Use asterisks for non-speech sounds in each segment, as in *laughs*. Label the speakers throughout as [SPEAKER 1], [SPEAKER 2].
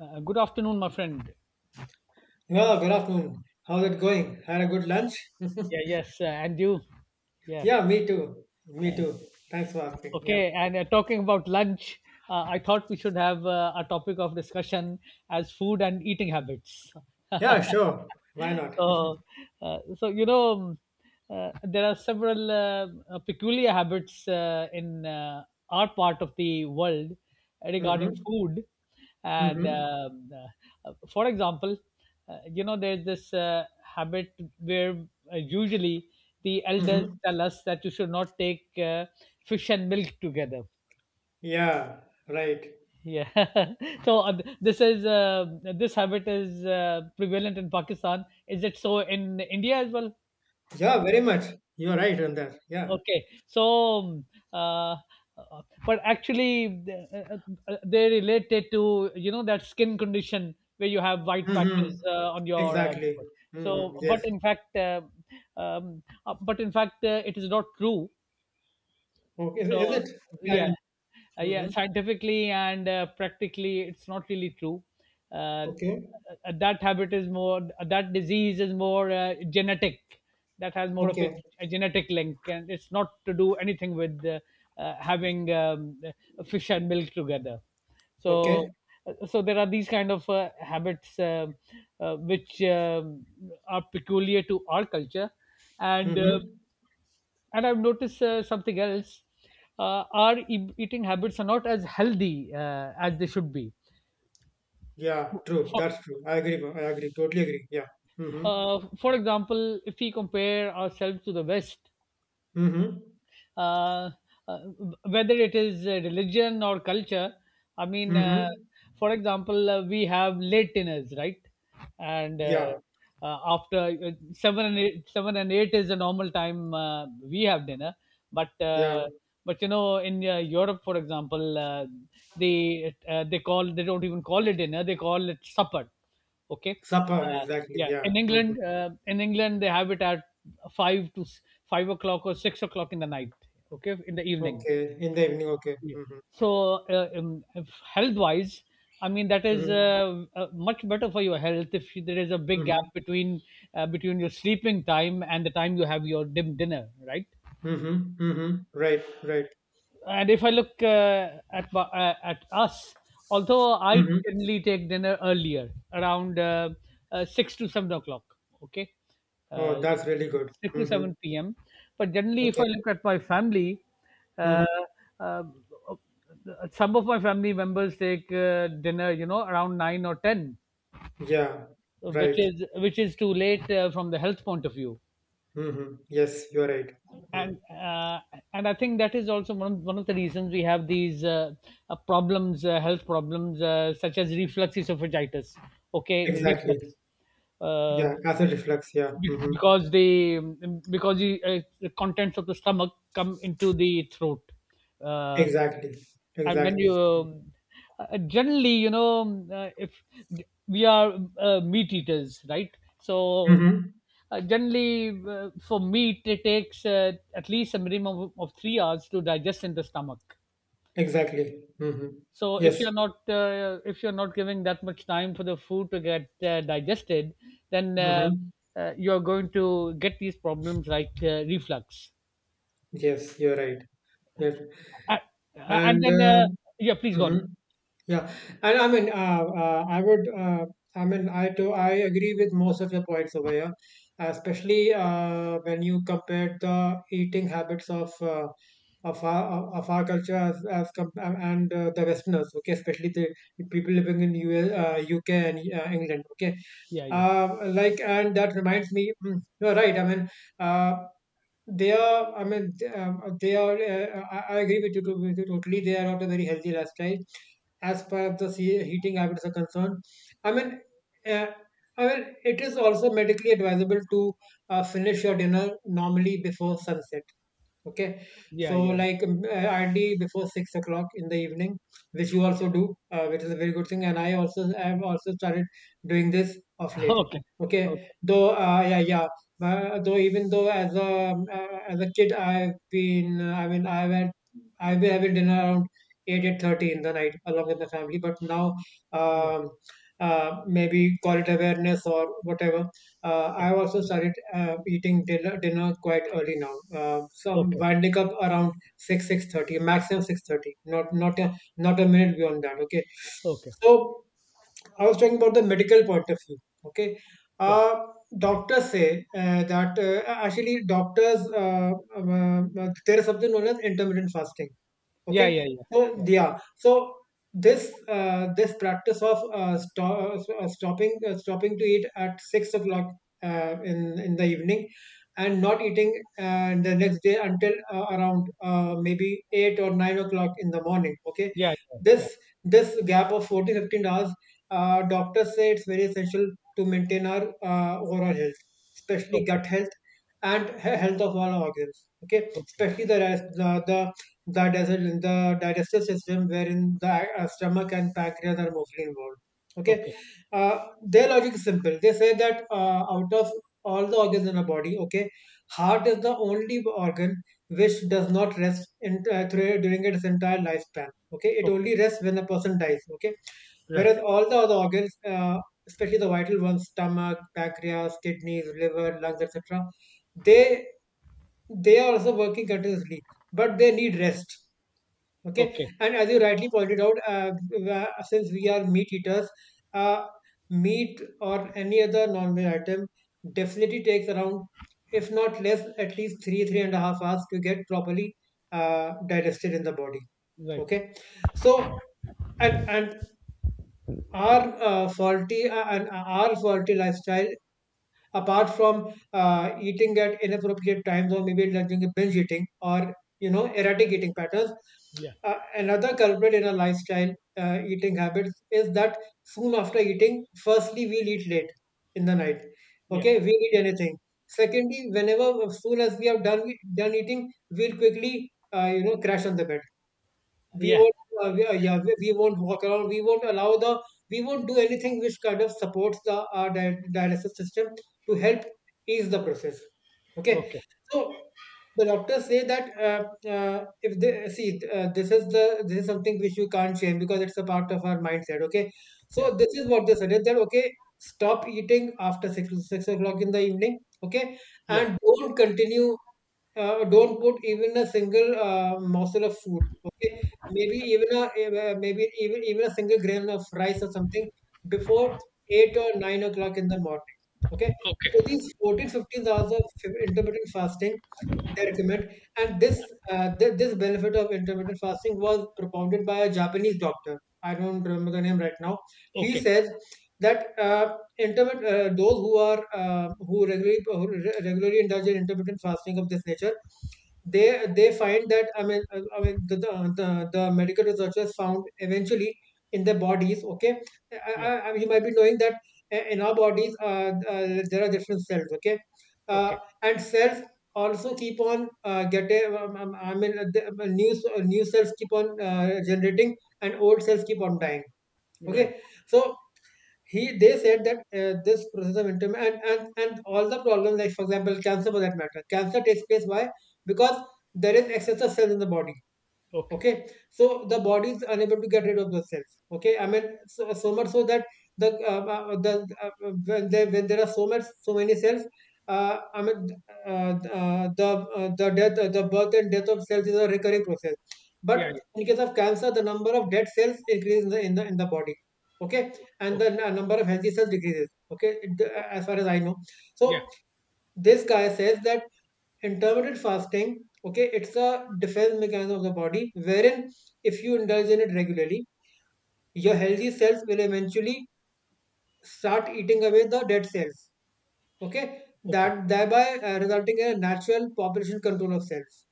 [SPEAKER 1] Good afternoon, my friend.
[SPEAKER 2] Well, good afternoon. How's it going? Had a good lunch?
[SPEAKER 1] Yeah, yes, and you. Yeah.
[SPEAKER 2] Yeah, me too. Me too. Thanks for asking. Yeah.
[SPEAKER 1] Okay, and talking about lunch, I thought we should have a topic of discussion as food and eating habits.
[SPEAKER 2] Yeah,
[SPEAKER 1] *laughs*
[SPEAKER 2] sure. Why not? *laughs*
[SPEAKER 1] Oh, so there are several peculiar habits in our part of the world regarding
[SPEAKER 2] Mm-hmm.
[SPEAKER 1] food, and
[SPEAKER 2] Mm-hmm.
[SPEAKER 1] for example, there's this habit where usually the elders
[SPEAKER 2] Mm-hmm.
[SPEAKER 1] tell us that you should not take fish and milk together.
[SPEAKER 2] Yeah, right.
[SPEAKER 1] Yeah. *laughs* So this habit is prevalent in Pakistan. Is it so in India as well?
[SPEAKER 2] Yeah, very much. You're right on that. Yeah.
[SPEAKER 1] Okay, so uh, but actually they related to that skin condition where you have white
[SPEAKER 2] Mm-hmm.
[SPEAKER 1] patches on your
[SPEAKER 2] Exactly.
[SPEAKER 1] butt. So,
[SPEAKER 2] Mm-hmm. Yes.
[SPEAKER 1] but in fact uh, but in fact, it is not true.
[SPEAKER 2] Okay. Is
[SPEAKER 1] So,
[SPEAKER 2] it? Okay. I
[SPEAKER 1] yeah
[SPEAKER 2] didn't.
[SPEAKER 1] yeah,
[SPEAKER 2] Mm-hmm.
[SPEAKER 1] scientifically and practically, it's not really true. uh,
[SPEAKER 2] Okay.
[SPEAKER 1] uh, that habit is more that disease is more genetic. That has more of a,
[SPEAKER 2] Okay.
[SPEAKER 1] a genetic link, and it's not to do anything with having fish and milk together.
[SPEAKER 2] Okay.
[SPEAKER 1] So uh, so there are these kind of habits which are peculiar to our culture, and uh,
[SPEAKER 2] Mm-hmm.
[SPEAKER 1] and I've noticed something else. Our eating habits are not as healthy as they should be.
[SPEAKER 2] Yeah, true.
[SPEAKER 1] For,
[SPEAKER 2] That's true. I agree. I agree. Totally agree. Yeah. Mm-hmm.
[SPEAKER 1] for example, if we compare ourselves to the West,
[SPEAKER 2] Mm-hmm.
[SPEAKER 1] uh, uh, whether it is religion or culture, I mean,
[SPEAKER 2] Mm-hmm.
[SPEAKER 1] for example, we have late dinners, right? And
[SPEAKER 2] Yeah.
[SPEAKER 1] after 7 and 8 is the normal time we have dinner. But
[SPEAKER 2] Yeah.
[SPEAKER 1] uh, but in Europe, for example, they don't even call it dinner; they call it supper. Okay,
[SPEAKER 2] Supper,
[SPEAKER 1] uh,
[SPEAKER 2] exactly,
[SPEAKER 1] yeah.
[SPEAKER 2] yeah. Mhm.
[SPEAKER 1] In England, they have it at five to s- 5 o'clock or 6 o'clock in the night. Okay, in the evening.
[SPEAKER 2] Okay, in the evening, okay.
[SPEAKER 1] Yeah.
[SPEAKER 2] Mhm.
[SPEAKER 1] So, health wise, I mean, that is
[SPEAKER 2] Mhm.
[SPEAKER 1] much better for your health if there is a big gap
[SPEAKER 2] Mhm.
[SPEAKER 1] between your sleeping time and the time you have your dim dinner, right?
[SPEAKER 2] Mhm. Mhm. Right, right.
[SPEAKER 1] And if I look at us, although I
[SPEAKER 2] Mhm.
[SPEAKER 1] generally take dinner earlier, around 6 to 7 o'clock. Okay, uh,
[SPEAKER 2] Oh, that's really good.
[SPEAKER 1] six to
[SPEAKER 2] Mhm.
[SPEAKER 1] seven p.m. But generally, if I
[SPEAKER 2] Okay.
[SPEAKER 1] look at my family, uh,
[SPEAKER 2] Mhm.
[SPEAKER 1] uh, some of my family members take dinner, around 9 or 10,
[SPEAKER 2] Yeah,
[SPEAKER 1] which
[SPEAKER 2] right.
[SPEAKER 1] is which is too late from the health point of view.
[SPEAKER 2] Mhm. Yes, you're right. Mm.
[SPEAKER 1] and uh, and I think that is also one of the reasons we have these health problems such as reflux esophagitis. Okay,
[SPEAKER 2] Exactly.
[SPEAKER 1] reflux. uh,
[SPEAKER 2] Yeah, acid reflux, yeah.
[SPEAKER 1] be-
[SPEAKER 2] Mhm.
[SPEAKER 1] because the because the uh, the contents of the stomach come into the throat. Uh,
[SPEAKER 2] Exactly.
[SPEAKER 1] and when
[SPEAKER 2] Exactly.
[SPEAKER 1] you generally if we are meat eaters, right? So,
[SPEAKER 2] Mm-hmm.
[SPEAKER 1] generally, for meat it takes at least a minimum of 3 hours to digest in the stomach.
[SPEAKER 2] Exactly. Mm-hmm.
[SPEAKER 1] So,
[SPEAKER 2] Yes.
[SPEAKER 1] if you're not giving that much time for the food to get digested, then
[SPEAKER 2] Mm-hmm.
[SPEAKER 1] you're going to get these problems like reflux.
[SPEAKER 2] Yes, you're right. Yes.
[SPEAKER 1] Uh, and
[SPEAKER 2] And
[SPEAKER 1] then Yeah, please go
[SPEAKER 2] mhm.
[SPEAKER 1] on.
[SPEAKER 2] Yeah, and I mean, I would, I mean, I agree with most of your points over here, especially when you compare the eating habits of our culture and the Westerners, okay, especially the people living in US, UK, and England, okay,
[SPEAKER 1] Yeah, yeah,
[SPEAKER 2] like, and that reminds me, you're right. I mean, uh, they are, I mean, they are, I agree with you totally. They are not a very healthy lifestyle as far as the heating habits are concerned. I mean, uh, I mean, it is also medically advisable to finish your dinner normally before sunset. Okay,
[SPEAKER 1] yeah,
[SPEAKER 2] so
[SPEAKER 1] yeah,
[SPEAKER 2] like hardly before 6 o'clock in the evening, which you also do, which is a very good thing. And I also, I have also started doing this of
[SPEAKER 1] yeah. *laughs*
[SPEAKER 2] late.
[SPEAKER 1] Okay,
[SPEAKER 2] Okay,
[SPEAKER 1] okay.
[SPEAKER 2] though yeah yeah, though, even though as a kid I've been, I mean, I've had I've been having dinner around 8, 8:30 in the night along with the family, but now,
[SPEAKER 1] Yeah,
[SPEAKER 2] um, maybe call it awareness or whatever.
[SPEAKER 1] yeah.
[SPEAKER 2] I've also started eating dinner, dinner quite early now. So
[SPEAKER 1] Okay,
[SPEAKER 2] I wake up around 6, 6:30, maximum 6:30. Not a minute beyond that. Okay.
[SPEAKER 1] okay.
[SPEAKER 2] So I was talking about the medical point of view. Okay.
[SPEAKER 1] Yeah,
[SPEAKER 2] Uh, doctors say that actually, doctors, there is something known as intermittent fasting.
[SPEAKER 1] yeah,
[SPEAKER 2] Okay,
[SPEAKER 1] yeah, yeah,
[SPEAKER 2] so
[SPEAKER 1] yeah,
[SPEAKER 2] yeah, so this this practice of stopping to eat at 6 o'clock, uh, in in the evening, and not eating, the next day until, around, maybe 8 or 9 o'clock in the morning. Okay,
[SPEAKER 1] yeah, yeah, yeah.
[SPEAKER 2] this this gap of 14-15 hours, doctors say it's very essential to maintain our overall health, especially
[SPEAKER 1] Okay,
[SPEAKER 2] gut health and health of all organs. Okay,
[SPEAKER 1] okay,
[SPEAKER 2] especially the rest, the digest the digestive system, wherein the stomach and pancreas are mostly involved. Okay,
[SPEAKER 1] okay,
[SPEAKER 2] their logic is simple. They say that out of all the organs in our body, okay, heart is the only organ which does not rest during its entire lifespan. Okay, it
[SPEAKER 1] okay.
[SPEAKER 2] only rests when a person dies. Okay,
[SPEAKER 1] Right.
[SPEAKER 2] whereas all the other organs, especially the vital ones, stomach, pancreas, kidneys, liver, lungs, etc., they they are also working continuously, but they need rest. Okay,
[SPEAKER 1] Okay,
[SPEAKER 2] and as you rightly pointed out, since we are meat eaters, uh, meat or any other non-meat item definitely takes around, if not less, at least 3.5 hours to get properly digested in the body.
[SPEAKER 1] right.
[SPEAKER 2] Okay, so and our faulty lifestyle, apart from eating at inappropriate times, or maybe like doing a binge eating, or you know, erratic eating patterns,
[SPEAKER 1] Yeah,
[SPEAKER 2] another culprit in our lifestyle, eating habits, is that soon after eating, firstly we'll eat late in the night,
[SPEAKER 1] yeah,
[SPEAKER 2] okay, we'll eat anything. Secondly, whenever as soon as we have done eating, we'll quickly, crash on the bed. we
[SPEAKER 1] yeah.
[SPEAKER 2] won't uh, we, uh, yeah, we won't walk around. We won't do anything which kind of supports the dialysis system to help ease the process. Okay,
[SPEAKER 1] Okay,
[SPEAKER 2] so the doctors say that, if they see, this is something which you can't change because it's a part of our mindset. Okay, so
[SPEAKER 1] yeah,
[SPEAKER 2] this is what they suggest, that okay, stop eating after 6 o'clock in the evening. Okay,
[SPEAKER 1] yeah.
[SPEAKER 2] and don't continue, don't put even a single morsel of food. Okay, maybe even a single grain of rice or something before 8 or 9 o'clock in the morning. Okay,
[SPEAKER 1] Okay,
[SPEAKER 2] so these 14-15 hours of intermittent fasting, they recommend. And this benefit of intermittent fasting was propounded by a Japanese doctor. I don't remember the name right now. He
[SPEAKER 1] okay,
[SPEAKER 2] says that intermittent, those who are, who regularly, who regularly indulge in intermittent fasting of this nature, they find that, I mean, I mean, the medical researchers found eventually, in their bodies. Okay, I,
[SPEAKER 1] yeah,
[SPEAKER 2] I, I mean, you might be knowing that in our bodies, there are different cells. Okay,
[SPEAKER 1] okay.
[SPEAKER 2] and cells also keep on getting, the, new new cells keep on generating, and old cells keep on dying.
[SPEAKER 1] Right.
[SPEAKER 2] Okay, so he they said that this process of interment, and all the problems, like for example cancer, for that matter, cancer takes place. Why? Because there is excessive cells in the body.
[SPEAKER 1] Okay.
[SPEAKER 2] Okay, so the body is unable to get rid of the cells. Okay, I mean, so, so much so that the uh, uh, the when there are so much, so many cells, uh, i mean uh, uh, the the death, the birth and death of cells is a recurring process.
[SPEAKER 1] Yeah,
[SPEAKER 2] But
[SPEAKER 1] yeah.
[SPEAKER 2] in case of cancer, the number of dead cells increases in the, in the body. Okay, and the
[SPEAKER 1] Okay,
[SPEAKER 2] number of healthy cells decreases. Okay,
[SPEAKER 1] okay.
[SPEAKER 2] as far as I know.
[SPEAKER 1] Yeah,
[SPEAKER 2] So this guy says that intermittent fasting, okay, it's a defense mechanism of the body wherein, if you indulge in it regularly, your healthy cells will eventually start eating away the dead cells. Okay,
[SPEAKER 1] okay,
[SPEAKER 2] that thereby, resulting in a natural population control of cells,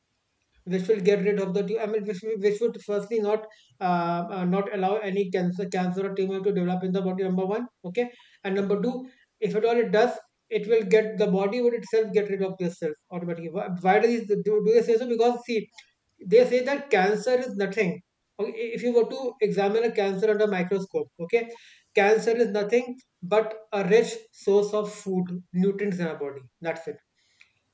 [SPEAKER 2] which will get rid of I mean, which would firstly not allow any cancer or tumor to develop in the body. Number one. Okay, and
[SPEAKER 1] okay,
[SPEAKER 2] number two, if at all it does, it will get the body would itself get rid of these cells automatically. Why do these do they say so? Because see, they say that cancer is nothing. Okay, if you were to examine a cancer under microscope, okay, cancer is nothing but a rich source of food, nutrients in our body. That's it.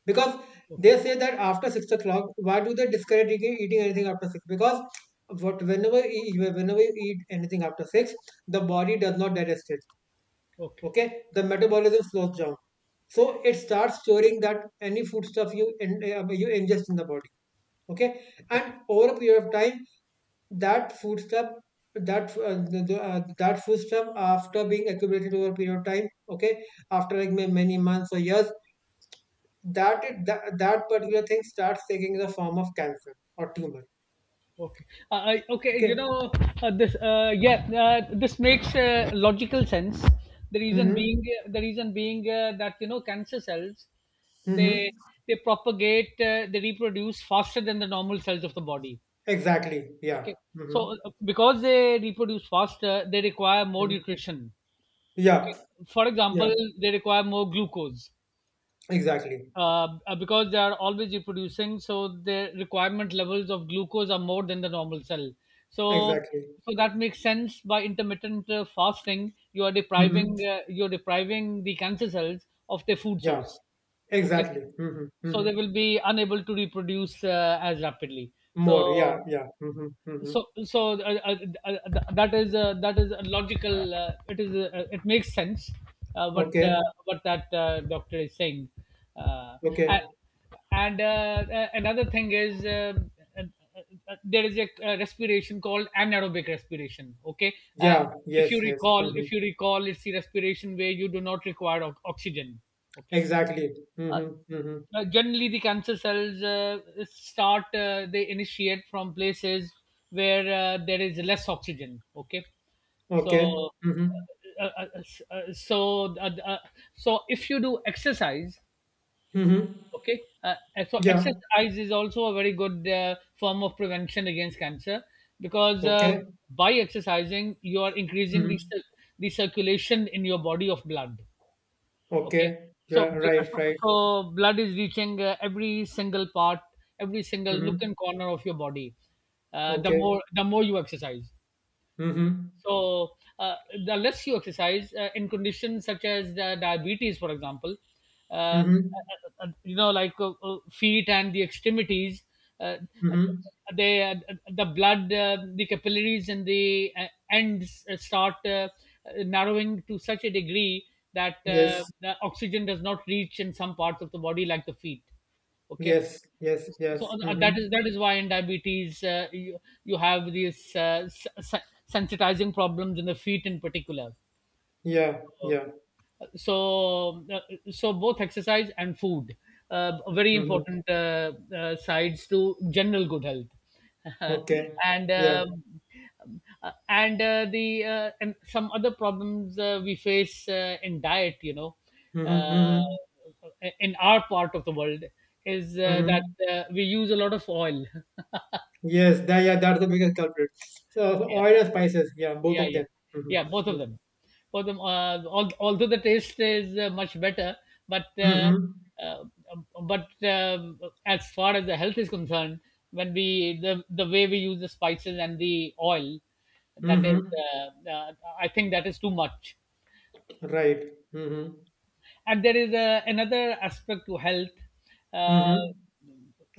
[SPEAKER 2] Because
[SPEAKER 1] okay, okay,
[SPEAKER 2] they say that after 6 o'clock, why do they discourage eating anything after six? Because what whenever you eat anything after six, the body does not digest it.
[SPEAKER 1] okay,
[SPEAKER 2] Okay, the metabolism slows down, so it starts storing that, any food stuff you ingest in the body. Okay, and
[SPEAKER 1] okay.
[SPEAKER 2] over a period of time that food stuff, after being accumulated over a period of time, okay, after like many months or years, that particular thing starts taking the form of cancer or tumor.
[SPEAKER 1] Okay. Okay.
[SPEAKER 2] Okay.
[SPEAKER 1] This. Yeah. This makes logical sense. The reason
[SPEAKER 2] Mm-hmm.
[SPEAKER 1] being, the reason being that cancer cells,
[SPEAKER 2] Mm-hmm.
[SPEAKER 1] they they they reproduce faster than the normal cells of the body.
[SPEAKER 2] Exactly, yeah.
[SPEAKER 1] Okay.
[SPEAKER 2] Mm-hmm.
[SPEAKER 1] So, because they reproduce faster, they require more
[SPEAKER 2] Mm-hmm.
[SPEAKER 1] nutrition.
[SPEAKER 2] Yeah,
[SPEAKER 1] Okay. For
[SPEAKER 2] yeah,
[SPEAKER 1] example, they require more glucose
[SPEAKER 2] exactly,
[SPEAKER 1] because they are always reproducing, so their requirement levels of glucose are more than the normal cell. So,
[SPEAKER 2] exactly.
[SPEAKER 1] so, that makes sense. By intermittent fasting,
[SPEAKER 2] Mm-hmm.
[SPEAKER 1] you are depriving the cancer cells of their food
[SPEAKER 2] Yeah,
[SPEAKER 1] source. Okay,
[SPEAKER 2] exactly. Mm-hmm.
[SPEAKER 1] so
[SPEAKER 2] Mm-hmm.
[SPEAKER 1] they will be unable to reproduce as rapidly.
[SPEAKER 2] More, yeah
[SPEAKER 1] So,
[SPEAKER 2] yeah. Mm-hmm. Mm-hmm.
[SPEAKER 1] so, that is a logical it makes sense, uh, what uh,
[SPEAKER 2] Okay,
[SPEAKER 1] what that doctor is saying. uh, a-
[SPEAKER 2] okay.
[SPEAKER 1] and another thing is, uh, uh, there is a respiration called anaerobic respiration. Okay. uh,
[SPEAKER 2] Yeah, yes, yes. Mm-hmm.
[SPEAKER 1] if you recall, it's the respiration where you do not require oxygen. Okay.
[SPEAKER 2] Exactly.
[SPEAKER 1] uh,
[SPEAKER 2] Mm-hmm. Mm-hmm.
[SPEAKER 1] Generally, the cancer cells they initiate from places where there is less oxygen. Okay.
[SPEAKER 2] Okay.
[SPEAKER 1] So,
[SPEAKER 2] Mm-hmm.
[SPEAKER 1] uh, uh, uh, uh, so, uh, uh, so, if you do exercise,
[SPEAKER 2] Mm-hmm.
[SPEAKER 1] okay, so
[SPEAKER 2] Yeah.
[SPEAKER 1] exercise is also a very good form of prevention against cancer, because
[SPEAKER 2] Okay.
[SPEAKER 1] by exercising, you are increasing
[SPEAKER 2] Mm-hmm.
[SPEAKER 1] the circulation in your body of blood. Okay,
[SPEAKER 2] Okay. Yeah.
[SPEAKER 1] so
[SPEAKER 2] Right. Right.
[SPEAKER 1] so blood is reaching every single part, every single nook
[SPEAKER 2] Mm-hmm.
[SPEAKER 1] and corner of your body.
[SPEAKER 2] Okay.
[SPEAKER 1] The more you exercise.
[SPEAKER 2] Mm-hmm.
[SPEAKER 1] So, uh, the less you exercise in conditions such as the diabetes, for example, uh, uh,
[SPEAKER 2] Mm-hmm.
[SPEAKER 1] like feet and the extremities, uh, uh,
[SPEAKER 2] Mm-hmm.
[SPEAKER 1] they, uh, the capillaries and the ends start narrowing to such a degree that
[SPEAKER 2] Yes.
[SPEAKER 1] the oxygen does not reach in some parts of the body, like the feet. Okay,
[SPEAKER 2] Yes. Yes.
[SPEAKER 1] so
[SPEAKER 2] Yes. Mm-hmm.
[SPEAKER 1] that is why in diabetes you have these sensitizing problems in the feet in particular.
[SPEAKER 2] Yeah.
[SPEAKER 1] So,
[SPEAKER 2] Yeah.
[SPEAKER 1] so, so both exercise and food, very
[SPEAKER 2] Mm-hmm.
[SPEAKER 1] important sides to general good health. *laughs*
[SPEAKER 2] Okay.
[SPEAKER 1] and
[SPEAKER 2] Yeah.
[SPEAKER 1] um, and the and some other problems we face in diet,
[SPEAKER 2] Mm-hmm.
[SPEAKER 1] uh,
[SPEAKER 2] Mm-hmm.
[SPEAKER 1] in our part of the world is that
[SPEAKER 2] Mm-hmm.
[SPEAKER 1] we use a lot of oil. *laughs*
[SPEAKER 2] Yes. That. Yeah. That's the biggest culprit. So, so
[SPEAKER 1] Yeah,
[SPEAKER 2] oil and spices. Yeah. Both
[SPEAKER 1] yeah,
[SPEAKER 2] of
[SPEAKER 1] yeah,
[SPEAKER 2] them.
[SPEAKER 1] yeah,
[SPEAKER 2] Mm-hmm.
[SPEAKER 1] both of them, although the taste is much better, but uh,
[SPEAKER 2] Mm-hmm.
[SPEAKER 1] uh, but as far as the health is concerned, when we the way we use the spices and the oil, that is
[SPEAKER 2] Mm-hmm.
[SPEAKER 1] uh, uh, I think that is too much.
[SPEAKER 2] Right. Mm-hmm.
[SPEAKER 1] And there is a another aspect to health, uh,
[SPEAKER 2] Mm-hmm.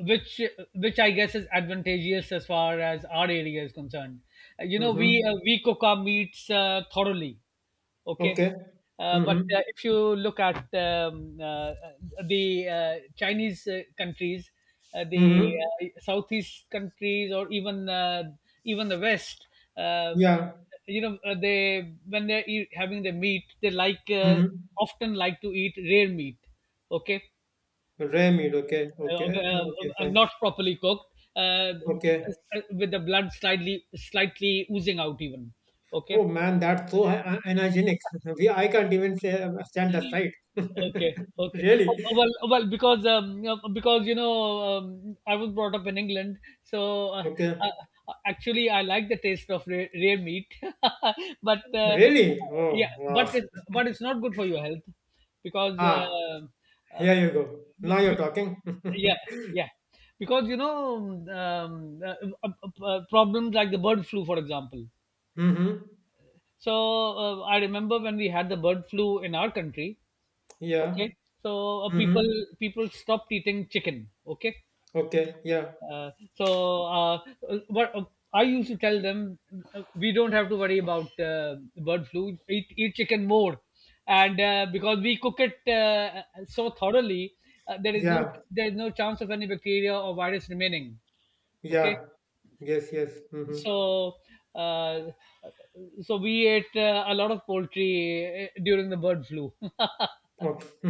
[SPEAKER 1] which which I guess is advantageous as far as our area is concerned.
[SPEAKER 2] Mm-hmm.
[SPEAKER 1] We cook our meats thoroughly. Okay.
[SPEAKER 2] Okay.
[SPEAKER 1] But
[SPEAKER 2] Mm-hmm.
[SPEAKER 1] if you look at the Chinese countries, the
[SPEAKER 2] Mm-hmm.
[SPEAKER 1] Southeast countries, or even the West, uh,
[SPEAKER 2] Yeah.
[SPEAKER 1] they when they're having the meat, they
[SPEAKER 2] Mhm.
[SPEAKER 1] often like to eat rare meat. Okay.
[SPEAKER 2] Rare meat. Okay.
[SPEAKER 1] uh, uh,
[SPEAKER 2] Okay.
[SPEAKER 1] uh,
[SPEAKER 2] Okay. Fine.
[SPEAKER 1] Not properly cooked, uh,
[SPEAKER 2] Okay.
[SPEAKER 1] with the blood slightly oozing out even. Okay.
[SPEAKER 2] Oh man, that's so hygienic. *laughs* We, I can't even say, stand the sight. *laughs*
[SPEAKER 1] Okay, okay. Oh,
[SPEAKER 2] Really?
[SPEAKER 1] oh, Well, oh, well, because, I was brought up in England, so uh,
[SPEAKER 2] Okay.
[SPEAKER 1] actually, I like the taste of rare meat, *laughs* but uh,
[SPEAKER 2] Really?
[SPEAKER 1] yeah,
[SPEAKER 2] Oh wow.
[SPEAKER 1] but it's, but it's not good for your health, because
[SPEAKER 2] Ah,
[SPEAKER 1] uh,
[SPEAKER 2] here you go. Now you're
[SPEAKER 1] because
[SPEAKER 2] talking.
[SPEAKER 1] yeah,
[SPEAKER 2] *laughs*
[SPEAKER 1] yeah, because you know, um, uh, problems like the bird flu, for example.
[SPEAKER 2] Mm-hmm.
[SPEAKER 1] So, I remember when we had the bird flu in our country.
[SPEAKER 2] Yeah.
[SPEAKER 1] Okay. So,
[SPEAKER 2] Mm-hmm.
[SPEAKER 1] people stopped eating chicken. Okay.
[SPEAKER 2] Okay. Yeah.
[SPEAKER 1] So what I used to tell them, we don't have to worry about bird flu. Eat eat chicken more, and because we cook it so thoroughly, uh, there is no
[SPEAKER 2] Yeah.
[SPEAKER 1] there is no chance of any bacteria or virus remaining. Okay.
[SPEAKER 2] Yeah. Yes. Yes. Mm-hmm.
[SPEAKER 1] So uh, so we ate a lot of poultry during the bird flu. *laughs*
[SPEAKER 2] Okay. *laughs*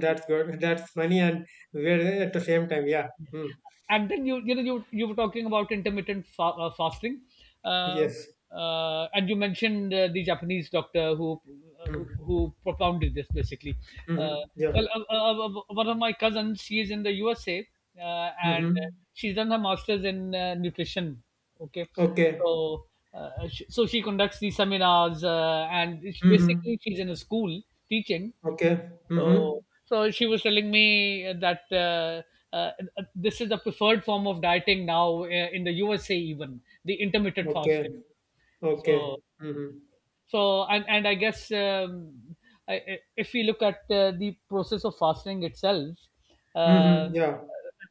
[SPEAKER 2] That's good. That's funny and weird at the same time. Yeah. Mm.
[SPEAKER 1] And then, you were talking about intermittent fasting. Um,
[SPEAKER 2] Yes.
[SPEAKER 1] and you mentioned the Japanese doctor uh,
[SPEAKER 2] Mm.
[SPEAKER 1] who propounded this basically.
[SPEAKER 2] Mm-hmm.
[SPEAKER 1] uh,
[SPEAKER 2] Yeah.
[SPEAKER 1] well, one of my cousins, she is in the USA, and
[SPEAKER 2] Mhm.
[SPEAKER 1] she's done her masters in nutrition. Okay.
[SPEAKER 2] Okay.
[SPEAKER 1] So uh, sh- so she conducts these seminars, and it's
[SPEAKER 2] Mhm.
[SPEAKER 1] basically she's in a school teaching.
[SPEAKER 2] Okay.
[SPEAKER 1] so,
[SPEAKER 2] Mhm.
[SPEAKER 1] so she was telling me that uh, this is the preferred form of dieting now, in the USA, even the intermittent
[SPEAKER 2] Okay.
[SPEAKER 1] fasting.
[SPEAKER 2] Okay.
[SPEAKER 1] So,
[SPEAKER 2] Mhm.
[SPEAKER 1] so and I guess, if we look at the process of fasting itself.
[SPEAKER 2] Mhm.
[SPEAKER 1] uh,
[SPEAKER 2] Yeah.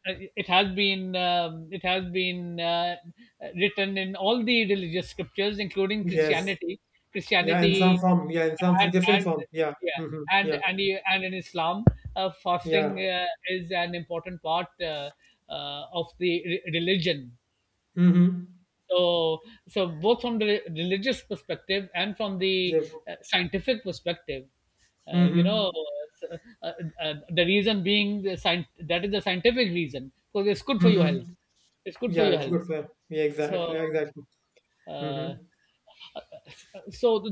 [SPEAKER 1] Mm. It has been it has been written in all the religious scriptures including
[SPEAKER 2] Yes.
[SPEAKER 1] christianity
[SPEAKER 2] Yeah. In some
[SPEAKER 1] christianity
[SPEAKER 2] form. Yeah. In some different
[SPEAKER 1] and
[SPEAKER 2] form. Yeah.
[SPEAKER 1] Yeah.
[SPEAKER 2] Mhm. Yeah.
[SPEAKER 1] And in islam, fasting
[SPEAKER 2] Yeah.
[SPEAKER 1] is an important part of the religion.
[SPEAKER 2] Mhm.
[SPEAKER 1] So so, both from the religious perspective and from the
[SPEAKER 2] Yes.
[SPEAKER 1] scientific perspective, uh, you
[SPEAKER 2] Mhm.
[SPEAKER 1] know, uh, uh, the reason being the science, that is the scientific reason, because it's good for your
[SPEAKER 2] Mhm.
[SPEAKER 1] health. It's good for
[SPEAKER 2] Yeah.
[SPEAKER 1] your
[SPEAKER 2] It's
[SPEAKER 1] health.
[SPEAKER 2] good for. Yeah. Exactly.
[SPEAKER 1] So,
[SPEAKER 2] Exactly.
[SPEAKER 1] uh,
[SPEAKER 2] Mhm.
[SPEAKER 1] so,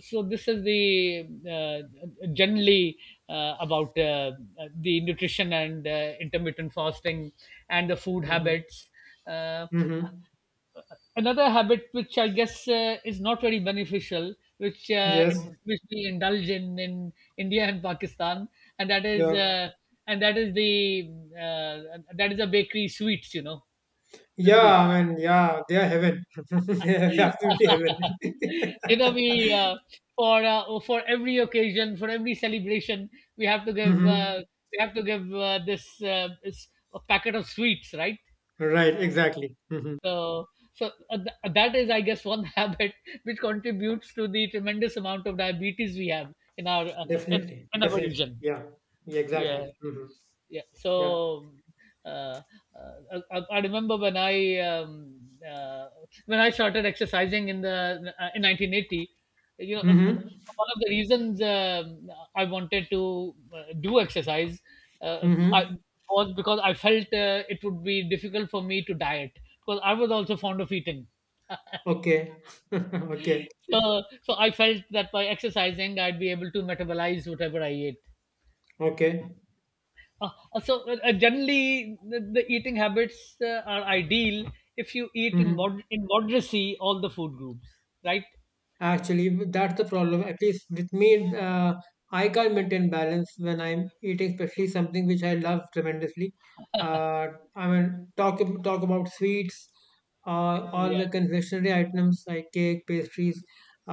[SPEAKER 1] so this is the generally, about the nutrition and intermittent fasting and the food
[SPEAKER 2] Mhm.
[SPEAKER 1] habits. Uh,
[SPEAKER 2] Mhm.
[SPEAKER 1] Another habit which I guess is not very beneficial, which
[SPEAKER 2] Yes.
[SPEAKER 1] which we indulge in India and Pakistan, and that is
[SPEAKER 2] Yeah.
[SPEAKER 1] uh, and that is the that is a bakery sweets. You know, the
[SPEAKER 2] Yeah.
[SPEAKER 1] sweets.
[SPEAKER 2] I mean. Yeah. They are heaven. *laughs* They are absolutely heaven.
[SPEAKER 1] *laughs*
[SPEAKER 2] *laughs*
[SPEAKER 1] You know, we for every occasion, for every celebration, we have to give
[SPEAKER 2] Mhm.
[SPEAKER 1] we have to give this a packet of sweets, right?
[SPEAKER 2] Right. Exactly. Mhm.
[SPEAKER 1] So, so that is, I guess, one *laughs* habit which contributes to the tremendous amount of diabetes we have in
[SPEAKER 2] Definitely,
[SPEAKER 1] in our
[SPEAKER 2] definitely.
[SPEAKER 1] region.
[SPEAKER 2] Yeah, yeah,
[SPEAKER 1] Yeah.
[SPEAKER 2] exactly. Hmm.
[SPEAKER 1] Yeah.
[SPEAKER 2] Yeah.
[SPEAKER 1] So uh, I remember uh, when I started exercising in the in 1980. You know,
[SPEAKER 2] Mm-hmm.
[SPEAKER 1] one of the reasons I wanted to do exercise, uh, hmm
[SPEAKER 2] Mm-hmm.
[SPEAKER 1] was because I felt it would be difficult for me to diet because I was also fond of eating. *laughs*
[SPEAKER 2] Okay. *laughs* Okay.
[SPEAKER 1] So, so I felt that by exercising, I'd be able to metabolize whatever I ate.
[SPEAKER 2] Okay.
[SPEAKER 1] Generally, the eating habits are ideal if you eat in
[SPEAKER 2] Mm-hmm.
[SPEAKER 1] moderacy all the food groups, right?
[SPEAKER 2] Actually, that's the problem. At least with me, I can't maintain balance when I'm eating, especially something which I love tremendously. Uh, I mean, talk about sweets, all
[SPEAKER 1] Yeah,
[SPEAKER 2] the confectionery items like cake, pastries.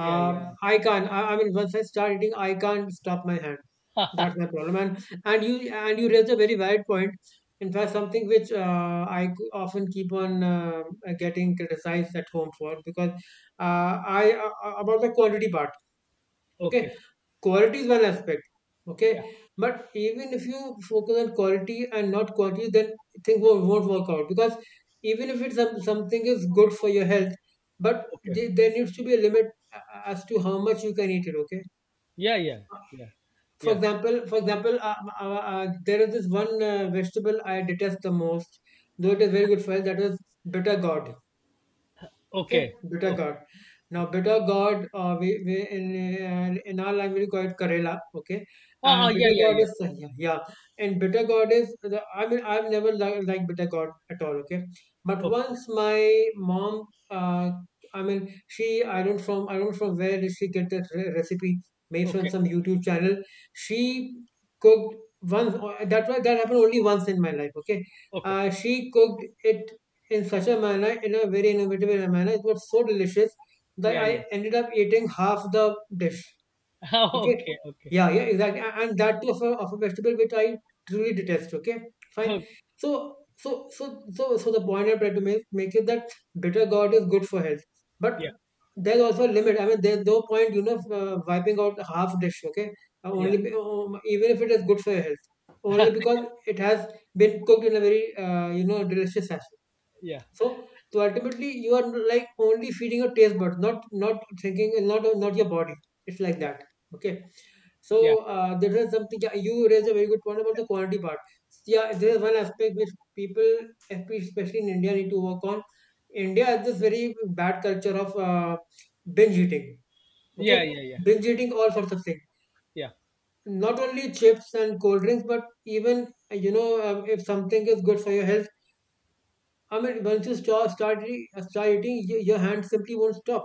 [SPEAKER 1] yeah, yeah.
[SPEAKER 2] I can't. I mean, once I start eating, I can't stop my hand. That's my problem. And you raised a very valid point. In fact, something which often keep on getting criticized at home for because I about the quality part. Okay,
[SPEAKER 1] Okay,
[SPEAKER 2] quality is one aspect. Okay,
[SPEAKER 1] yeah,
[SPEAKER 2] but even if you focus on quality and not quantity, then things won't work out because even if something is good for your health, but
[SPEAKER 1] okay,
[SPEAKER 2] there needs to be a limit as to how much you can eat it. Okay,
[SPEAKER 1] yeah, yeah, yeah, yeah,
[SPEAKER 2] for example, there is this one vegetable I detest the most, though it is very good for health. That is bitter gourd. Okay,
[SPEAKER 1] Okay,
[SPEAKER 2] bitter
[SPEAKER 1] okay,
[SPEAKER 2] gourd. Now,
[SPEAKER 1] okay.
[SPEAKER 2] bitter gourd, we in our language we call it Karela. Okay,
[SPEAKER 1] Ah, ah,
[SPEAKER 2] and
[SPEAKER 1] yeah,
[SPEAKER 2] bitter
[SPEAKER 1] yeah,
[SPEAKER 2] gourd
[SPEAKER 1] yeah.
[SPEAKER 2] is yeah, yeah. And bitter gourd is I mean I've never liked bitter gourd at all. Okay, but
[SPEAKER 1] Okay,
[SPEAKER 2] once my mom, uh, I mean she I don't from where did she get this recipe made from
[SPEAKER 1] okay,
[SPEAKER 2] some YouTube channel. She cooked once. That happened only once in my life. Okay,
[SPEAKER 1] okay.
[SPEAKER 2] she cooked it in such a manner, in a very innovative manner. It was so delicious that
[SPEAKER 1] Yeah, yeah.
[SPEAKER 2] I ended up eating half the dish.
[SPEAKER 1] *laughs*
[SPEAKER 2] Okay.
[SPEAKER 1] Okay, okay,
[SPEAKER 2] Yeah, yeah, exactly. And that too of of a vegetable which I truly detest. Okay. Fine.
[SPEAKER 1] okay.
[SPEAKER 2] So the point I try to make is that bitter gourd is good for health. But
[SPEAKER 1] Yeah,
[SPEAKER 2] there's also a limit. I mean, there's no point, wiping out half dish. Okay.
[SPEAKER 1] yeah,
[SPEAKER 2] Even if it is good for your health, only
[SPEAKER 1] *laughs*
[SPEAKER 2] because it has been cooked in a very, delicious
[SPEAKER 1] yeah,
[SPEAKER 2] so to ultimately you are like only feeding your taste buds, not thinking, not your body. It's like
[SPEAKER 1] yeah,
[SPEAKER 2] that. Okay.
[SPEAKER 1] yeah,
[SPEAKER 2] So there is something yeah, you raised a very good point about the quantity part. Yeah, there is one aspect which people, especially in India, need to work on. India has this very bad culture of binge eating.
[SPEAKER 1] yeah,
[SPEAKER 2] Okay,
[SPEAKER 1] yeah, yeah,
[SPEAKER 2] binge eating all sorts of things.
[SPEAKER 1] yeah,
[SPEAKER 2] Not only chips and cold drinks, but even if something is good for your health, I mean, once you start eating, your hand simply won't stop.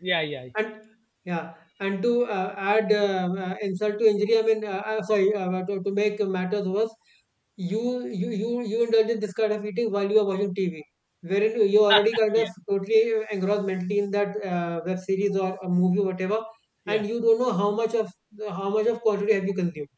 [SPEAKER 1] yeah, yeah,
[SPEAKER 2] And yeah, and to add insult to injury, I mean, to make matters worse, you indulge in this kind of eating while you are watching TV, wherein you already kind of
[SPEAKER 1] yeah,
[SPEAKER 2] totally engrossed mentally in that web series or a movie, whatever, and
[SPEAKER 1] yeah,
[SPEAKER 2] you don't know how much of quantity have you consumed.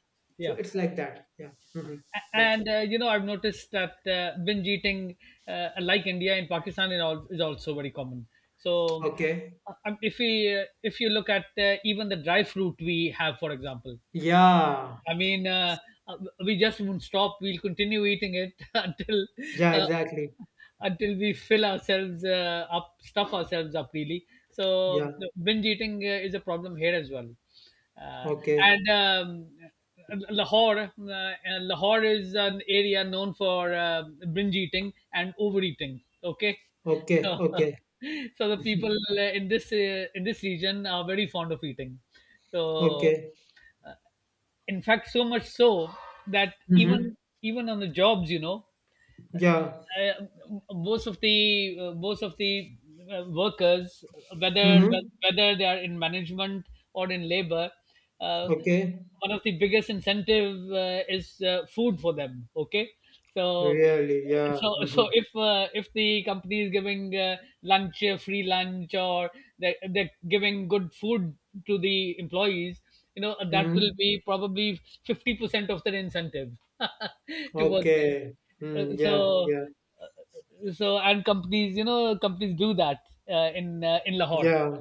[SPEAKER 2] So
[SPEAKER 1] yeah.
[SPEAKER 2] it's like that. Yeah. Yeah.
[SPEAKER 1] And you know, I've noticed that binge eating, like India and Pakistan and all, is also very common. so
[SPEAKER 2] Okay.
[SPEAKER 1] if we if you look at even the dry fruit we have, for example,
[SPEAKER 2] Yeah.
[SPEAKER 1] I mean, uh, we just won't stop. We'll continue eating it *laughs*
[SPEAKER 2] Yeah.
[SPEAKER 1] uh,
[SPEAKER 2] Exactly.
[SPEAKER 1] until we fill ourselves up, stuff ourselves up, really. So
[SPEAKER 2] Yeah.
[SPEAKER 1] the binge eating is a problem here as well. Uh,
[SPEAKER 2] Okay.
[SPEAKER 1] and Lahore, Lahore is an area known for binge eating and overeating. Okay,
[SPEAKER 2] Okay,
[SPEAKER 1] so *laughs*
[SPEAKER 2] okay.
[SPEAKER 1] so the
[SPEAKER 2] *laughs*
[SPEAKER 1] people in this region are very fond of eating. So
[SPEAKER 2] Okay.
[SPEAKER 1] in fact, so much so that
[SPEAKER 2] Mm-hmm.
[SPEAKER 1] even even on the jobs, you know,
[SPEAKER 2] Yeah.
[SPEAKER 1] uh, most of the workers, whether
[SPEAKER 2] Mm-hmm.
[SPEAKER 1] whether they are in management or in labor, uh,
[SPEAKER 2] Okay.
[SPEAKER 1] one of the biggest incentive is food for them. Okay, so
[SPEAKER 2] Really, yeah.
[SPEAKER 1] so
[SPEAKER 2] Mm-hmm.
[SPEAKER 1] so if the company is giving lunch free lunch, or they're giving good food to the employees, you know, that will
[SPEAKER 2] Mm-hmm.
[SPEAKER 1] be probably 50% of their incentive *laughs* towards them.
[SPEAKER 2] Okay.
[SPEAKER 1] Uh,
[SPEAKER 2] Mm, yeah,
[SPEAKER 1] so
[SPEAKER 2] yeah,
[SPEAKER 1] so and companies, you know, companies do that in Lahore,
[SPEAKER 2] yeah.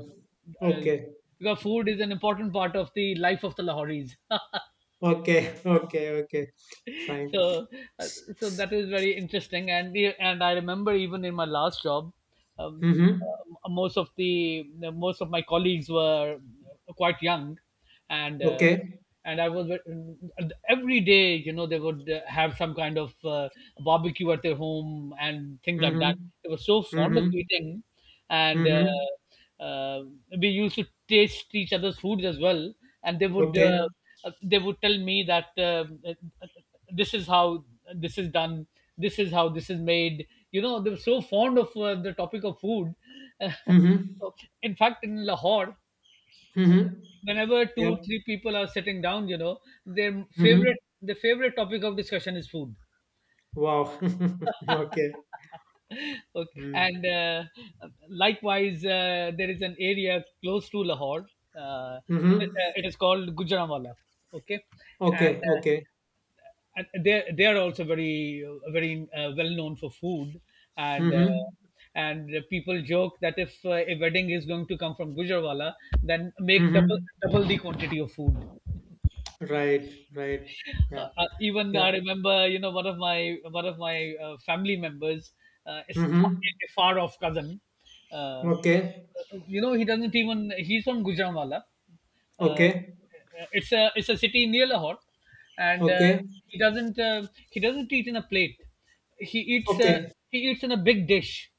[SPEAKER 1] uh,
[SPEAKER 2] Okay.
[SPEAKER 1] because food is an important part of the life of the Lahoris.
[SPEAKER 2] Okay. *laughs* Okay. Okay.
[SPEAKER 1] *laughs*
[SPEAKER 2] Fine.
[SPEAKER 1] So uh, so that is very interesting. And I remember even in my last job, um,
[SPEAKER 2] Mm-hmm.
[SPEAKER 1] most of the most of my colleagues were quite young, and uh,
[SPEAKER 2] Okay.
[SPEAKER 1] and I was and every day, you know, they would have some kind of barbecue at their home and things like
[SPEAKER 2] Mm-hmm.
[SPEAKER 1] that. They were so fond of
[SPEAKER 2] Mm-hmm.
[SPEAKER 1] eating. And
[SPEAKER 2] Mm-hmm.
[SPEAKER 1] We used to taste each other's foods as well, and
[SPEAKER 2] Okay.
[SPEAKER 1] they would tell me that uh, this is how this is done, this is how this is made. You know, they were so fond of the topic of food. *laughs*
[SPEAKER 2] Mm-hmm.
[SPEAKER 1] So, in fact, in Lahore,
[SPEAKER 2] Mm-hmm.
[SPEAKER 1] whenever
[SPEAKER 2] Yep.
[SPEAKER 1] two, three people are sitting down, you know,
[SPEAKER 2] Mm-hmm.
[SPEAKER 1] the favorite topic of discussion is food.
[SPEAKER 2] Wow. *laughs* Okay.
[SPEAKER 1] *laughs* Okay.
[SPEAKER 2] Mm.
[SPEAKER 1] And likewise, there is an area close to Lahore, uh,
[SPEAKER 2] Mm-hmm.
[SPEAKER 1] it is called Gujranwala, okay. and
[SPEAKER 2] Okay.
[SPEAKER 1] uh,
[SPEAKER 2] Okay.
[SPEAKER 1] and they are also very very well known for food. and uh,
[SPEAKER 2] Mm-hmm.
[SPEAKER 1] and people joke that if a wedding is going to come from Gujarwala, then make double
[SPEAKER 2] Mm-hmm.
[SPEAKER 1] double the quantity of food.
[SPEAKER 2] Right. Right. Yeah.
[SPEAKER 1] Even
[SPEAKER 2] Yeah.
[SPEAKER 1] I remember, you know, one of my family members is
[SPEAKER 2] Mhm.
[SPEAKER 1] a far off cousin. Uh, uh,
[SPEAKER 2] Okay.
[SPEAKER 1] you know, he doesn't even. He's from Gujranwala. Uh,
[SPEAKER 2] Okay.
[SPEAKER 1] it's a it's a city near Lahore, and
[SPEAKER 2] Okay.
[SPEAKER 1] he doesn't eat in a plate. He eats uh,
[SPEAKER 2] Okay.
[SPEAKER 1] he eats in a big dish.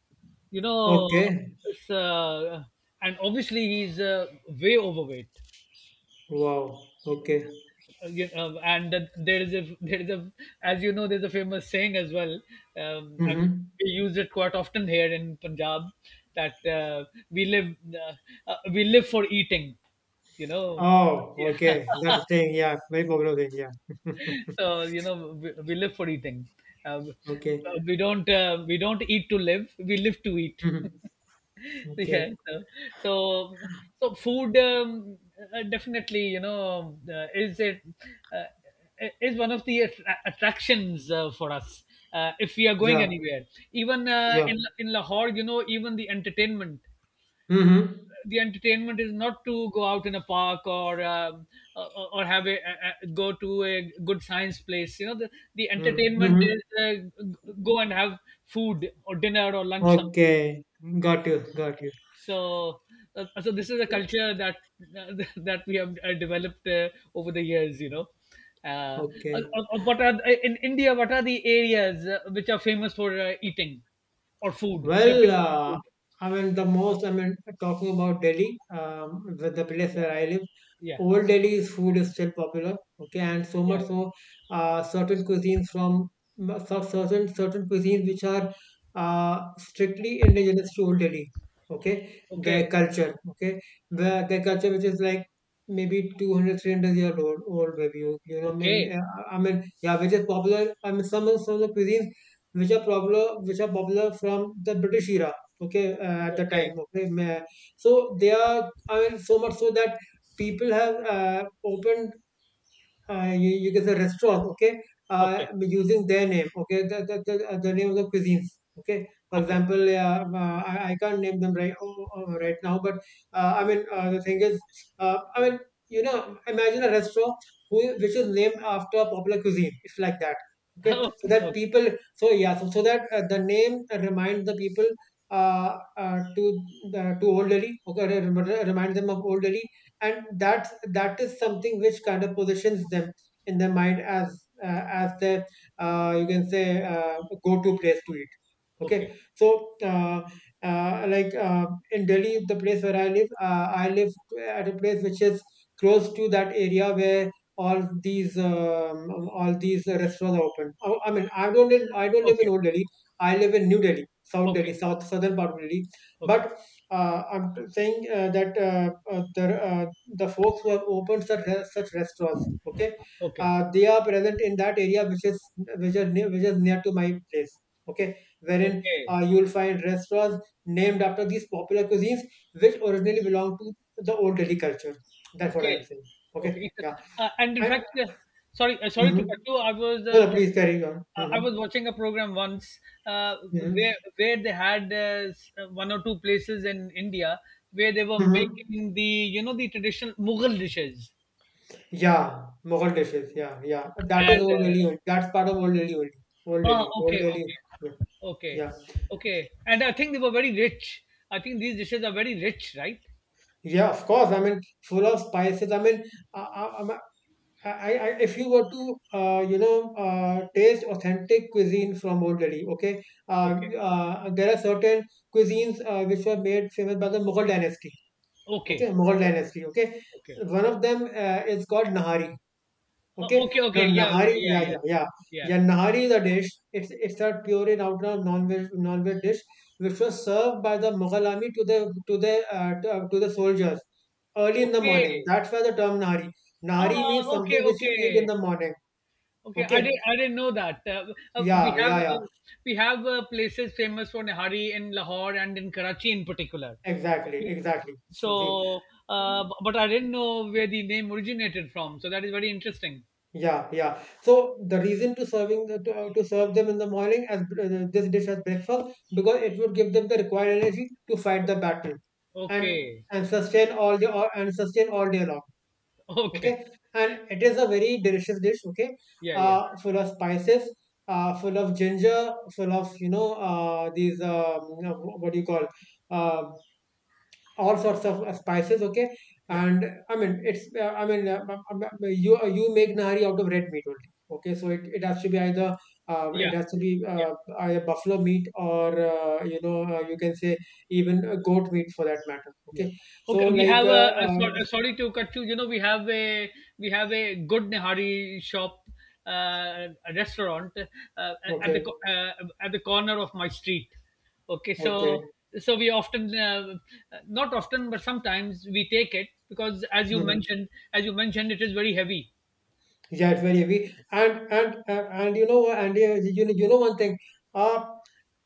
[SPEAKER 1] You know,
[SPEAKER 2] Okay.
[SPEAKER 1] it's, and obviously he's way overweight.
[SPEAKER 2] Wow. Okay.
[SPEAKER 1] You know, and that there is a there is a, as you know, there's a famous saying as well, and
[SPEAKER 2] Mhm.
[SPEAKER 1] we use it quite often here in Punjab, that we live for eating, you know.
[SPEAKER 2] Oh,
[SPEAKER 1] Yeah.
[SPEAKER 2] okay. That thing, yeah. Very popular thing, yeah.
[SPEAKER 1] *laughs*
[SPEAKER 2] *laughs*
[SPEAKER 1] So, you know, we live for eating. uh,
[SPEAKER 2] Okay.
[SPEAKER 1] we don't eat to live, we live to eat.
[SPEAKER 2] Mhm.
[SPEAKER 1] *laughs* *laughs* Yeah.
[SPEAKER 2] Okay.
[SPEAKER 1] So so food, definitely, you know, uh, is one of the attractions for us if we are going
[SPEAKER 2] Yeah.
[SPEAKER 1] anywhere. Even
[SPEAKER 2] Yeah.
[SPEAKER 1] in Lahore, you know, even the entertainment,
[SPEAKER 2] Mhm.
[SPEAKER 1] the entertainment is not to go out in a park, or or have go to a good science place. You know, the
[SPEAKER 2] Mhm.
[SPEAKER 1] entertainment
[SPEAKER 2] Mhm.
[SPEAKER 1] is go and have food or dinner or lunch.
[SPEAKER 2] Okay. Got you. Got you.
[SPEAKER 1] So, so this is a culture that *laughs* that we have developed over the years, you know. Uh, uh,
[SPEAKER 2] Okay.
[SPEAKER 1] uh, what are in India? What are the areas which are famous for eating or food? Which are
[SPEAKER 2] Well,
[SPEAKER 1] famous for food?
[SPEAKER 2] I mean, I mean, talking about Delhi, the place
[SPEAKER 1] Yeah,
[SPEAKER 2] where I live,
[SPEAKER 1] yeah,
[SPEAKER 2] Old Delhi's food is still popular, okay, and so
[SPEAKER 1] yeah. Yeah.
[SPEAKER 2] much so, certain cuisines from certain cuisines which are strictly indigenous to Old Delhi, okay, their
[SPEAKER 1] Okay,
[SPEAKER 2] culture, okay,
[SPEAKER 1] okay,
[SPEAKER 2] their culture which is like maybe 200, three hundred 300-year-old, old maybe, you know,
[SPEAKER 1] okay,
[SPEAKER 2] I mean, yeah, which is popular. I mean, some of the cuisines which are problem which are popular from the British era. Okay, at the time. So they are. I mean, so much so that people have opened you get the restaurant, okay,
[SPEAKER 1] okay,
[SPEAKER 2] using their name, okay, the name of the cuisines, okay. For
[SPEAKER 1] okay,
[SPEAKER 2] example, I can't name them right now, but I mean the thing is, I mean you know, imagine a restaurant who which is named after a popular cuisine. It's like that, okay. So
[SPEAKER 1] okay, *laughs*
[SPEAKER 2] that
[SPEAKER 1] okay,
[SPEAKER 2] people, so yeah, so that the name reminds the people uh, uh, to to old Delhi, okay, remind them of old Delhi and that is something which kind of positions them in their mind as their you can say go-to place to eat okay
[SPEAKER 1] okay,
[SPEAKER 2] so like in Delhi the place where I live I live at a place which is close to that area where all these um, all these restaurants are open. Oh, I mean I don't live in
[SPEAKER 1] okay,
[SPEAKER 2] Old Delhi. I live in New Delhi, South
[SPEAKER 1] okay,
[SPEAKER 2] Delhi, southern part of Delhi,
[SPEAKER 1] okay,
[SPEAKER 2] but I'm saying that the folks who have opened such restaurants okay
[SPEAKER 1] okay, okay,
[SPEAKER 2] they are present in that area which is which is near to my place okay wherein
[SPEAKER 1] okay.
[SPEAKER 2] you will find restaurants named after these popular cuisines which originally belong to the Old Delhi culture. That's what I'm
[SPEAKER 1] Okay.
[SPEAKER 2] saying, okay.
[SPEAKER 1] Okay.
[SPEAKER 2] Yeah.
[SPEAKER 1] It's- And in
[SPEAKER 2] I,
[SPEAKER 1] fact, sorry, sorry
[SPEAKER 2] hmm
[SPEAKER 1] to cut you. I was
[SPEAKER 2] no, no please carry on.
[SPEAKER 1] I was watching a program once, uh,
[SPEAKER 2] Hmm
[SPEAKER 1] where they had one or two places in India where they were
[SPEAKER 2] hmm
[SPEAKER 1] making the, you know, the traditional Mughal dishes.
[SPEAKER 2] yeah. Mughal dishes, yeah, yeah, that is
[SPEAKER 1] And
[SPEAKER 2] Old Delhi only. That's part of Old Delhi only. Old
[SPEAKER 1] ah,
[SPEAKER 2] Delhi, Old
[SPEAKER 1] okay,
[SPEAKER 2] Delhi.
[SPEAKER 1] okay,
[SPEAKER 2] Yeah.
[SPEAKER 1] okay,
[SPEAKER 2] Yeah.
[SPEAKER 1] okay. And I think they were very rich. I think these dishes are very rich, right?
[SPEAKER 2] Yeah, of course. I mean, full of spices. I mean, uh, uh, if you were to, taste authentic cuisine from Old Delhi, okay,
[SPEAKER 1] Okay,
[SPEAKER 2] there are certain cuisines which were made famous by the Mughal dynasty, okay,
[SPEAKER 1] okay,
[SPEAKER 2] Mughal
[SPEAKER 1] okay,
[SPEAKER 2] dynasty, okay.
[SPEAKER 1] okay,
[SPEAKER 2] One of them is called Nahari. Okay.
[SPEAKER 1] okay,
[SPEAKER 2] Now
[SPEAKER 1] okay. Yeah, yeah,
[SPEAKER 2] Nahari,
[SPEAKER 1] yeah,
[SPEAKER 2] yeah,
[SPEAKER 1] yeah.
[SPEAKER 2] yeah, yeah.
[SPEAKER 1] Yeah.
[SPEAKER 2] Yeah, Nahari is a dish. It's a pure and out non-veg dish which was served by the Mughal army to the to to the soldiers early in the
[SPEAKER 1] Okay.
[SPEAKER 2] morning. That's why the term Nahari.
[SPEAKER 1] Ah,
[SPEAKER 2] Nahari means
[SPEAKER 1] okay,
[SPEAKER 2] something which you eat
[SPEAKER 1] okay,
[SPEAKER 2] in the morning.
[SPEAKER 1] okay.
[SPEAKER 2] Okay.
[SPEAKER 1] I didn't know that. We
[SPEAKER 2] Yeah,
[SPEAKER 1] have,
[SPEAKER 2] yeah, yeah.
[SPEAKER 1] we have places famous for Nihari in Lahore and in Karachi in particular.
[SPEAKER 2] Exactly,
[SPEAKER 1] Okay.
[SPEAKER 2] exactly. See, see.
[SPEAKER 1] So, but I didn't know where the name originated from. So that is very interesting.
[SPEAKER 2] Yeah, yeah. So the reason to serving to serve them in the morning as this dish as breakfast because it would give them the required energy to fight the battle and
[SPEAKER 1] Okay.
[SPEAKER 2] and sustain and sustain all day long.
[SPEAKER 1] *laughs* Okay.
[SPEAKER 2] Okay, and it is a very delicious dish. Okay,
[SPEAKER 1] Yeah. Yeah.
[SPEAKER 2] full of spices, full of ginger, full of you know what do you call uh, all sorts of spices okay
[SPEAKER 1] Yeah.
[SPEAKER 2] and I mean it's I mean you you make Nahari out of red meat only okay so it has to be either it
[SPEAKER 1] Yeah.
[SPEAKER 2] has to be
[SPEAKER 1] Yeah.
[SPEAKER 2] either buffalo meat or you can say even goat meat for that matter
[SPEAKER 1] Yeah.
[SPEAKER 2] okay so
[SPEAKER 1] Okay, we
[SPEAKER 2] like
[SPEAKER 1] have, so sorry to cut you. You know, we have a good Nihari shop, uh, a restaurant uh, at the
[SPEAKER 2] okay
[SPEAKER 1] co- uh, at the corner of my street. Okay,
[SPEAKER 2] okay
[SPEAKER 1] so so we often not often but sometimes we take it, because as you
[SPEAKER 2] hmm
[SPEAKER 1] mentioned, as you mentioned, it is very heavy.
[SPEAKER 2] yeah it's very heavy and you know one thing uh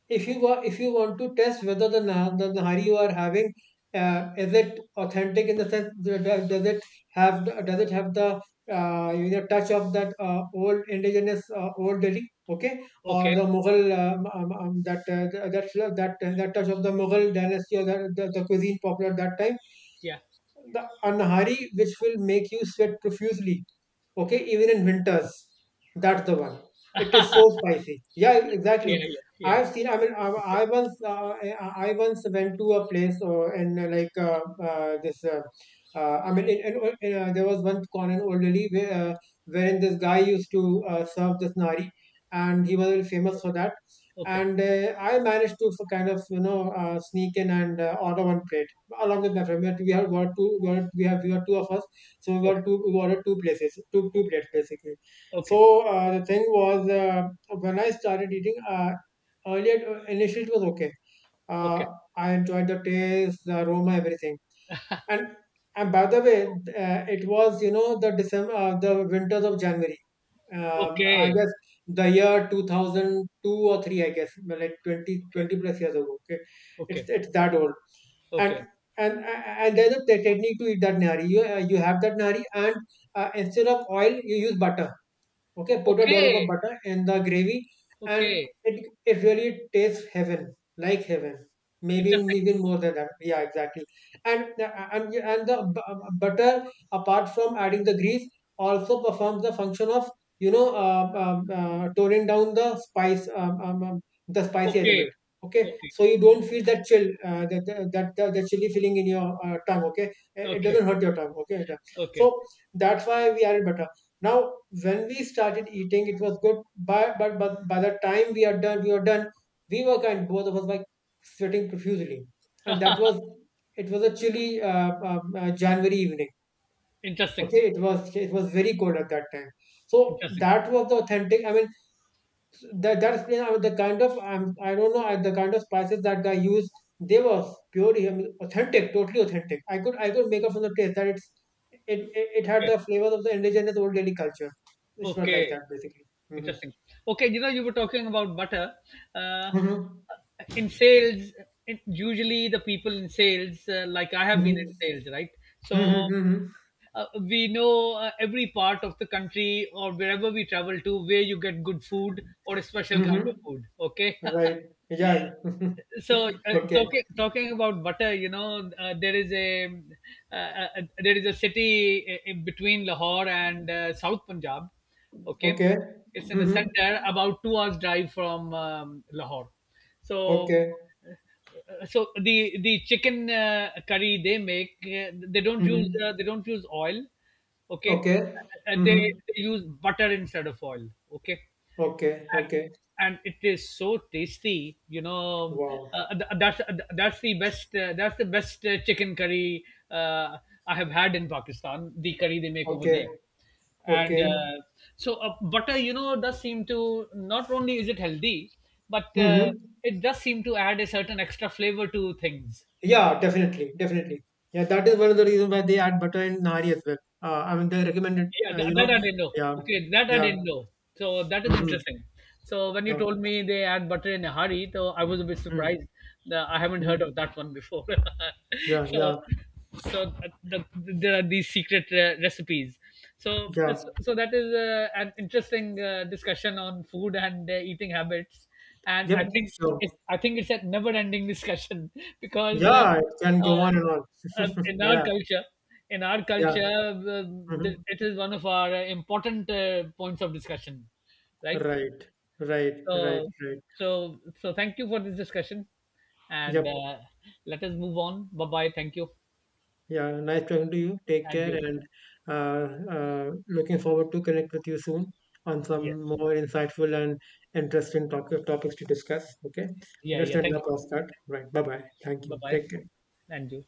[SPEAKER 2] if you if you want to test whether the Nahari you are having is it authentic in the sense does it have does it have the touch of that old indigenous old Delhi okay or
[SPEAKER 1] Okay.
[SPEAKER 2] the Mughal that th- that fl- that that touch of the Mughal dynasty or the cuisine popular at that time,
[SPEAKER 1] Yeah.
[SPEAKER 2] the a Nahari which will make you sweat profusely. Okay, even in winters, that's the one. It is so spicy. Yeah, exactly.
[SPEAKER 1] Yeah. Yeah. Yeah.
[SPEAKER 2] I've seen. I mean, I once went to a place or and like this. I mean, there was one con in Old Delhi where, wherein this guy used to serve this nari, and he was very famous for that.
[SPEAKER 1] Okay.
[SPEAKER 2] And I managed to kind of sneak in and order one plate along with my friend. We had got two. We had, we have we were two of us so we got
[SPEAKER 1] Okay.
[SPEAKER 2] two, we ordered two places, two plates basically.
[SPEAKER 1] Okay.
[SPEAKER 2] So the thing was when I started eating, earlier initially it was okay.
[SPEAKER 1] Okay.
[SPEAKER 2] Uh, I enjoyed the taste, the aroma, everything. And and by the way, it was you know the December, the winters of January. I
[SPEAKER 1] Okay.
[SPEAKER 2] guess the year 2002 or 3, I guess, well, like 20
[SPEAKER 1] Okay.
[SPEAKER 2] 20 plus years ago. Okay,
[SPEAKER 1] Okay.
[SPEAKER 2] it's that old,
[SPEAKER 1] Okay.
[SPEAKER 2] and
[SPEAKER 1] Okay.
[SPEAKER 2] and there's a technique to eat that nari. You you have that nari, and instead of oil, you use butter. Okay, put a dollop of
[SPEAKER 1] Okay.
[SPEAKER 2] butter in the gravy, and
[SPEAKER 1] Okay.
[SPEAKER 2] it really tastes heaven, like heaven. Maybe
[SPEAKER 1] Interesting.
[SPEAKER 2] even more than that. Yeah, exactly. And the butter, apart from adding the grease, also performs the function of toning down the spice, the spicy element.
[SPEAKER 1] Okay.
[SPEAKER 2] Okay,
[SPEAKER 1] Okay.
[SPEAKER 2] so you don't feel that chill, that chilly feeling in your tongue. Okay, it
[SPEAKER 1] Okay.
[SPEAKER 2] doesn't hurt your tongue. Okay,
[SPEAKER 1] Okay.
[SPEAKER 2] so that's why we added butter now, when we started eating, it was good, but by the time we are done, we are done. We were kind, both of us, like sweating profusely, and that
[SPEAKER 1] *laughs*
[SPEAKER 2] was it was a chilly January evening.
[SPEAKER 1] Interesting.
[SPEAKER 2] Okay, it was very cold at that time. So
[SPEAKER 1] Interesting.
[SPEAKER 2] that was the authentic. I mean, that that's you know, the kind of I don't know the kind of spices that guy used. They were pure, I mean, authentic, totally authentic. I could make up from the taste that it's it, it had
[SPEAKER 1] Okay.
[SPEAKER 2] the flavors of the indigenous Old Delhi culture. It's not
[SPEAKER 1] Okay.
[SPEAKER 2] like that basically. Mm-hmm.
[SPEAKER 1] Interesting. Okay. You know, you were talking about butter. Uh,
[SPEAKER 2] Mm-hmm.
[SPEAKER 1] in sales, it, usually the people in sales, like I have been in
[SPEAKER 2] Mm-hmm.
[SPEAKER 1] sales, right? So
[SPEAKER 2] Mm-hmm.
[SPEAKER 1] we know every part of the country or wherever we travel to where you get good food or a special
[SPEAKER 2] Mm-hmm.
[SPEAKER 1] kind of food.
[SPEAKER 2] Mm-hmm.
[SPEAKER 1] Okay. *laughs*
[SPEAKER 2] Right. Yeah.
[SPEAKER 1] So
[SPEAKER 2] *laughs* Okay.
[SPEAKER 1] talking talking about butter, you know, uh, uh, there is a city in between Lahore and south Punjab, okay.
[SPEAKER 2] Okay.
[SPEAKER 1] It's in the
[SPEAKER 2] Mm-hmm.
[SPEAKER 1] center, about 2 hours drive from Lahore. So
[SPEAKER 2] Okay.
[SPEAKER 1] so the chicken curry they make,
[SPEAKER 2] Mm-hmm.
[SPEAKER 1] they don't use oil, okay.
[SPEAKER 2] Okay.
[SPEAKER 1] uh, they,
[SPEAKER 2] Mm-hmm.
[SPEAKER 1] they use butter instead of oil, okay.
[SPEAKER 2] Okay.
[SPEAKER 1] and
[SPEAKER 2] Okay.
[SPEAKER 1] and it is so tasty, you know,
[SPEAKER 2] Wow.
[SPEAKER 1] uh, th- uh, that's that's the best chicken curry uh, I have had in Pakistan, the curry they make over there.
[SPEAKER 2] Okay.
[SPEAKER 1] And
[SPEAKER 2] Okay.
[SPEAKER 1] So butter, you know, does seem to, not only is it healthy, but
[SPEAKER 2] Mm-hmm.
[SPEAKER 1] it does seem to add a certain extra flavor to things.
[SPEAKER 2] Yeah, definitely, definitely. Yeah, that is one of the reasons why they add butter in nari as well. I mean, they recommend it.
[SPEAKER 1] Yeah, that,
[SPEAKER 2] You
[SPEAKER 1] that
[SPEAKER 2] know,
[SPEAKER 1] I didn't know.
[SPEAKER 2] yeah,
[SPEAKER 1] Okay, that I
[SPEAKER 2] yeah,
[SPEAKER 1] didn't know. So that is
[SPEAKER 2] mm-hmm,
[SPEAKER 1] interesting. So when you
[SPEAKER 2] yeah,
[SPEAKER 1] told me they add butter in a hurry, so I was a bit
[SPEAKER 2] mm-hmm,
[SPEAKER 1] surprised. That I haven't
[SPEAKER 2] mm-hmm,
[SPEAKER 1] heard of that one before. *laughs*
[SPEAKER 2] yeah, yeah,
[SPEAKER 1] So, so there are these secret recipes. So,
[SPEAKER 2] yeah.
[SPEAKER 1] it's- so that is an interesting discussion on food and eating habits. And
[SPEAKER 2] Yep. So,
[SPEAKER 1] I think it's a never-ending discussion, *laughs* because
[SPEAKER 2] yeah, it can go
[SPEAKER 1] uh,
[SPEAKER 2] on and on. *laughs*
[SPEAKER 1] in our
[SPEAKER 2] Yeah,
[SPEAKER 1] culture, in our
[SPEAKER 2] yeah.
[SPEAKER 1] culture,
[SPEAKER 2] Mm-hmm.
[SPEAKER 1] it is one of our important points of discussion, right?
[SPEAKER 2] Right, right, right,
[SPEAKER 1] So
[SPEAKER 2] right.
[SPEAKER 1] so so thank you for this discussion, and
[SPEAKER 2] Yep.
[SPEAKER 1] let us move on. Bye bye. Thank you.
[SPEAKER 2] Yeah, nice talking to you. Take
[SPEAKER 1] And
[SPEAKER 2] care
[SPEAKER 1] you.
[SPEAKER 2] and looking forward to connect with you soon on some
[SPEAKER 1] Yes.
[SPEAKER 2] more insightful and interesting topics to discuss. Okay,
[SPEAKER 1] Yeah,
[SPEAKER 2] let's
[SPEAKER 1] yeah,
[SPEAKER 2] end
[SPEAKER 1] thank
[SPEAKER 2] the
[SPEAKER 1] you.
[SPEAKER 2] podcast. Right. Bye bye. Thank you.
[SPEAKER 1] Bye bye.
[SPEAKER 2] Take care.
[SPEAKER 1] And you.